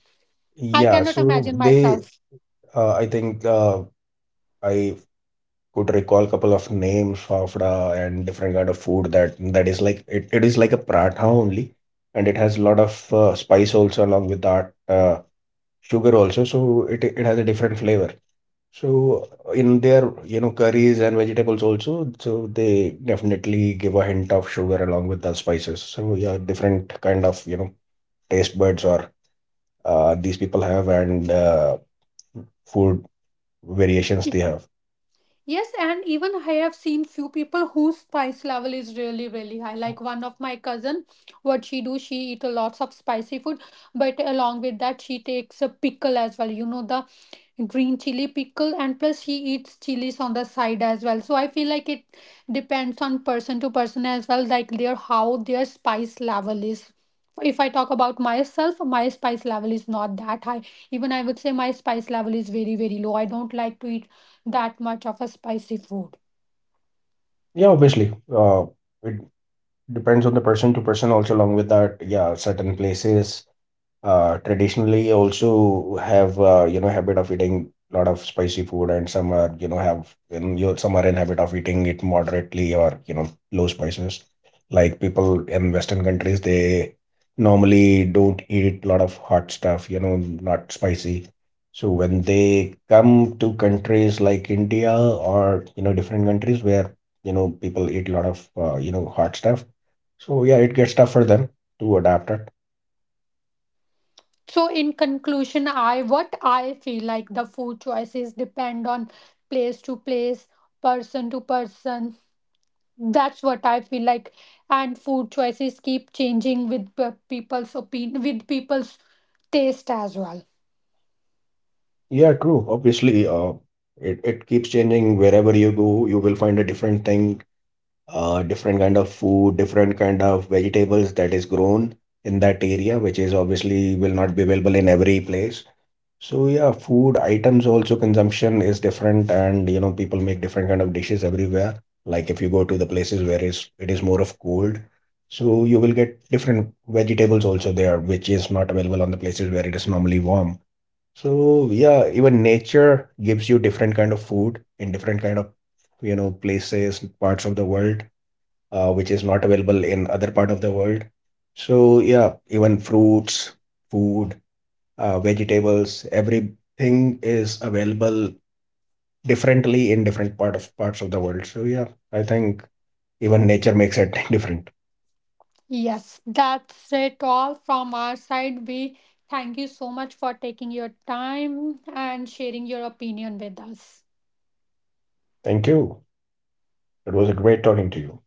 I
yeah,
cannot
so
imagine
they,
myself.
uh, I think uh, I could recall a couple of names, fafda and different kind of food that that is like it, it is like a paratha only, and it has a lot of uh, spice also along with that. Uh, sugar also. So it it has a different flavor. So in their you know curries and vegetables also, so they definitely give a hint of sugar along with the spices. So yeah, different kind of you know taste buds or uh, these people have, and uh, food variations they have.
Yes, and even I have seen few people whose spice level is really, really high. Like one of my cousin, what she do, she eat a lots of spicy food, but along with that, she takes a pickle as well. You know, the green chili pickle, and plus she eats chilies on the side as well. So I feel like it depends on person to person as well, like their, how their spice level is. If I talk about myself, my spice level is not that high. Even I would say my spice level is very, very low. I don't like to eat that much of a spicy food.
Yeah, obviously, uh, it depends on the person to person also. Along with that, yeah, certain places Uh, traditionally also have uh, you know habit of eating a lot of spicy food, and some are you know have in you some are in habit of eating it moderately or you know low spices. Like people in western countries, they normally don't eat a lot of hot stuff, you know, not spicy. So when they come to countries like India or you know different countries where you know people eat a lot of uh, you know hot stuff, so yeah, it gets tough for them to adapt it.
So in conclusion, I, what I feel like, the food choices depend on place to place, person to person. That's what I feel like, and food choices keep changing with pe- people's opinion, with people's taste as well.
Yeah, true. Obviously, uh, it, it keeps changing wherever you go. You will find a different thing, uh, different kind of food, different kind of vegetables that is grown in that area, which is obviously will not be available in every place. So yeah, food items also consumption is different, and you know people make different kind of dishes everywhere. Like if you go to the places where is it is more of cold, so you will get different vegetables also there, which is not available on the places where it is normally warm. So yeah, even nature gives you different kind of food in different kind of you know places, parts of the world, uh, which is not available in other part of the world. So yeah, even fruits, food, uh, vegetables, everything is available differently in different part of parts of the world. So yeah, I think even nature makes it different.
Yes, that's it all from our side. We thank you so much for taking your time and sharing your opinion with us.
Thank you. It was a great talking to you.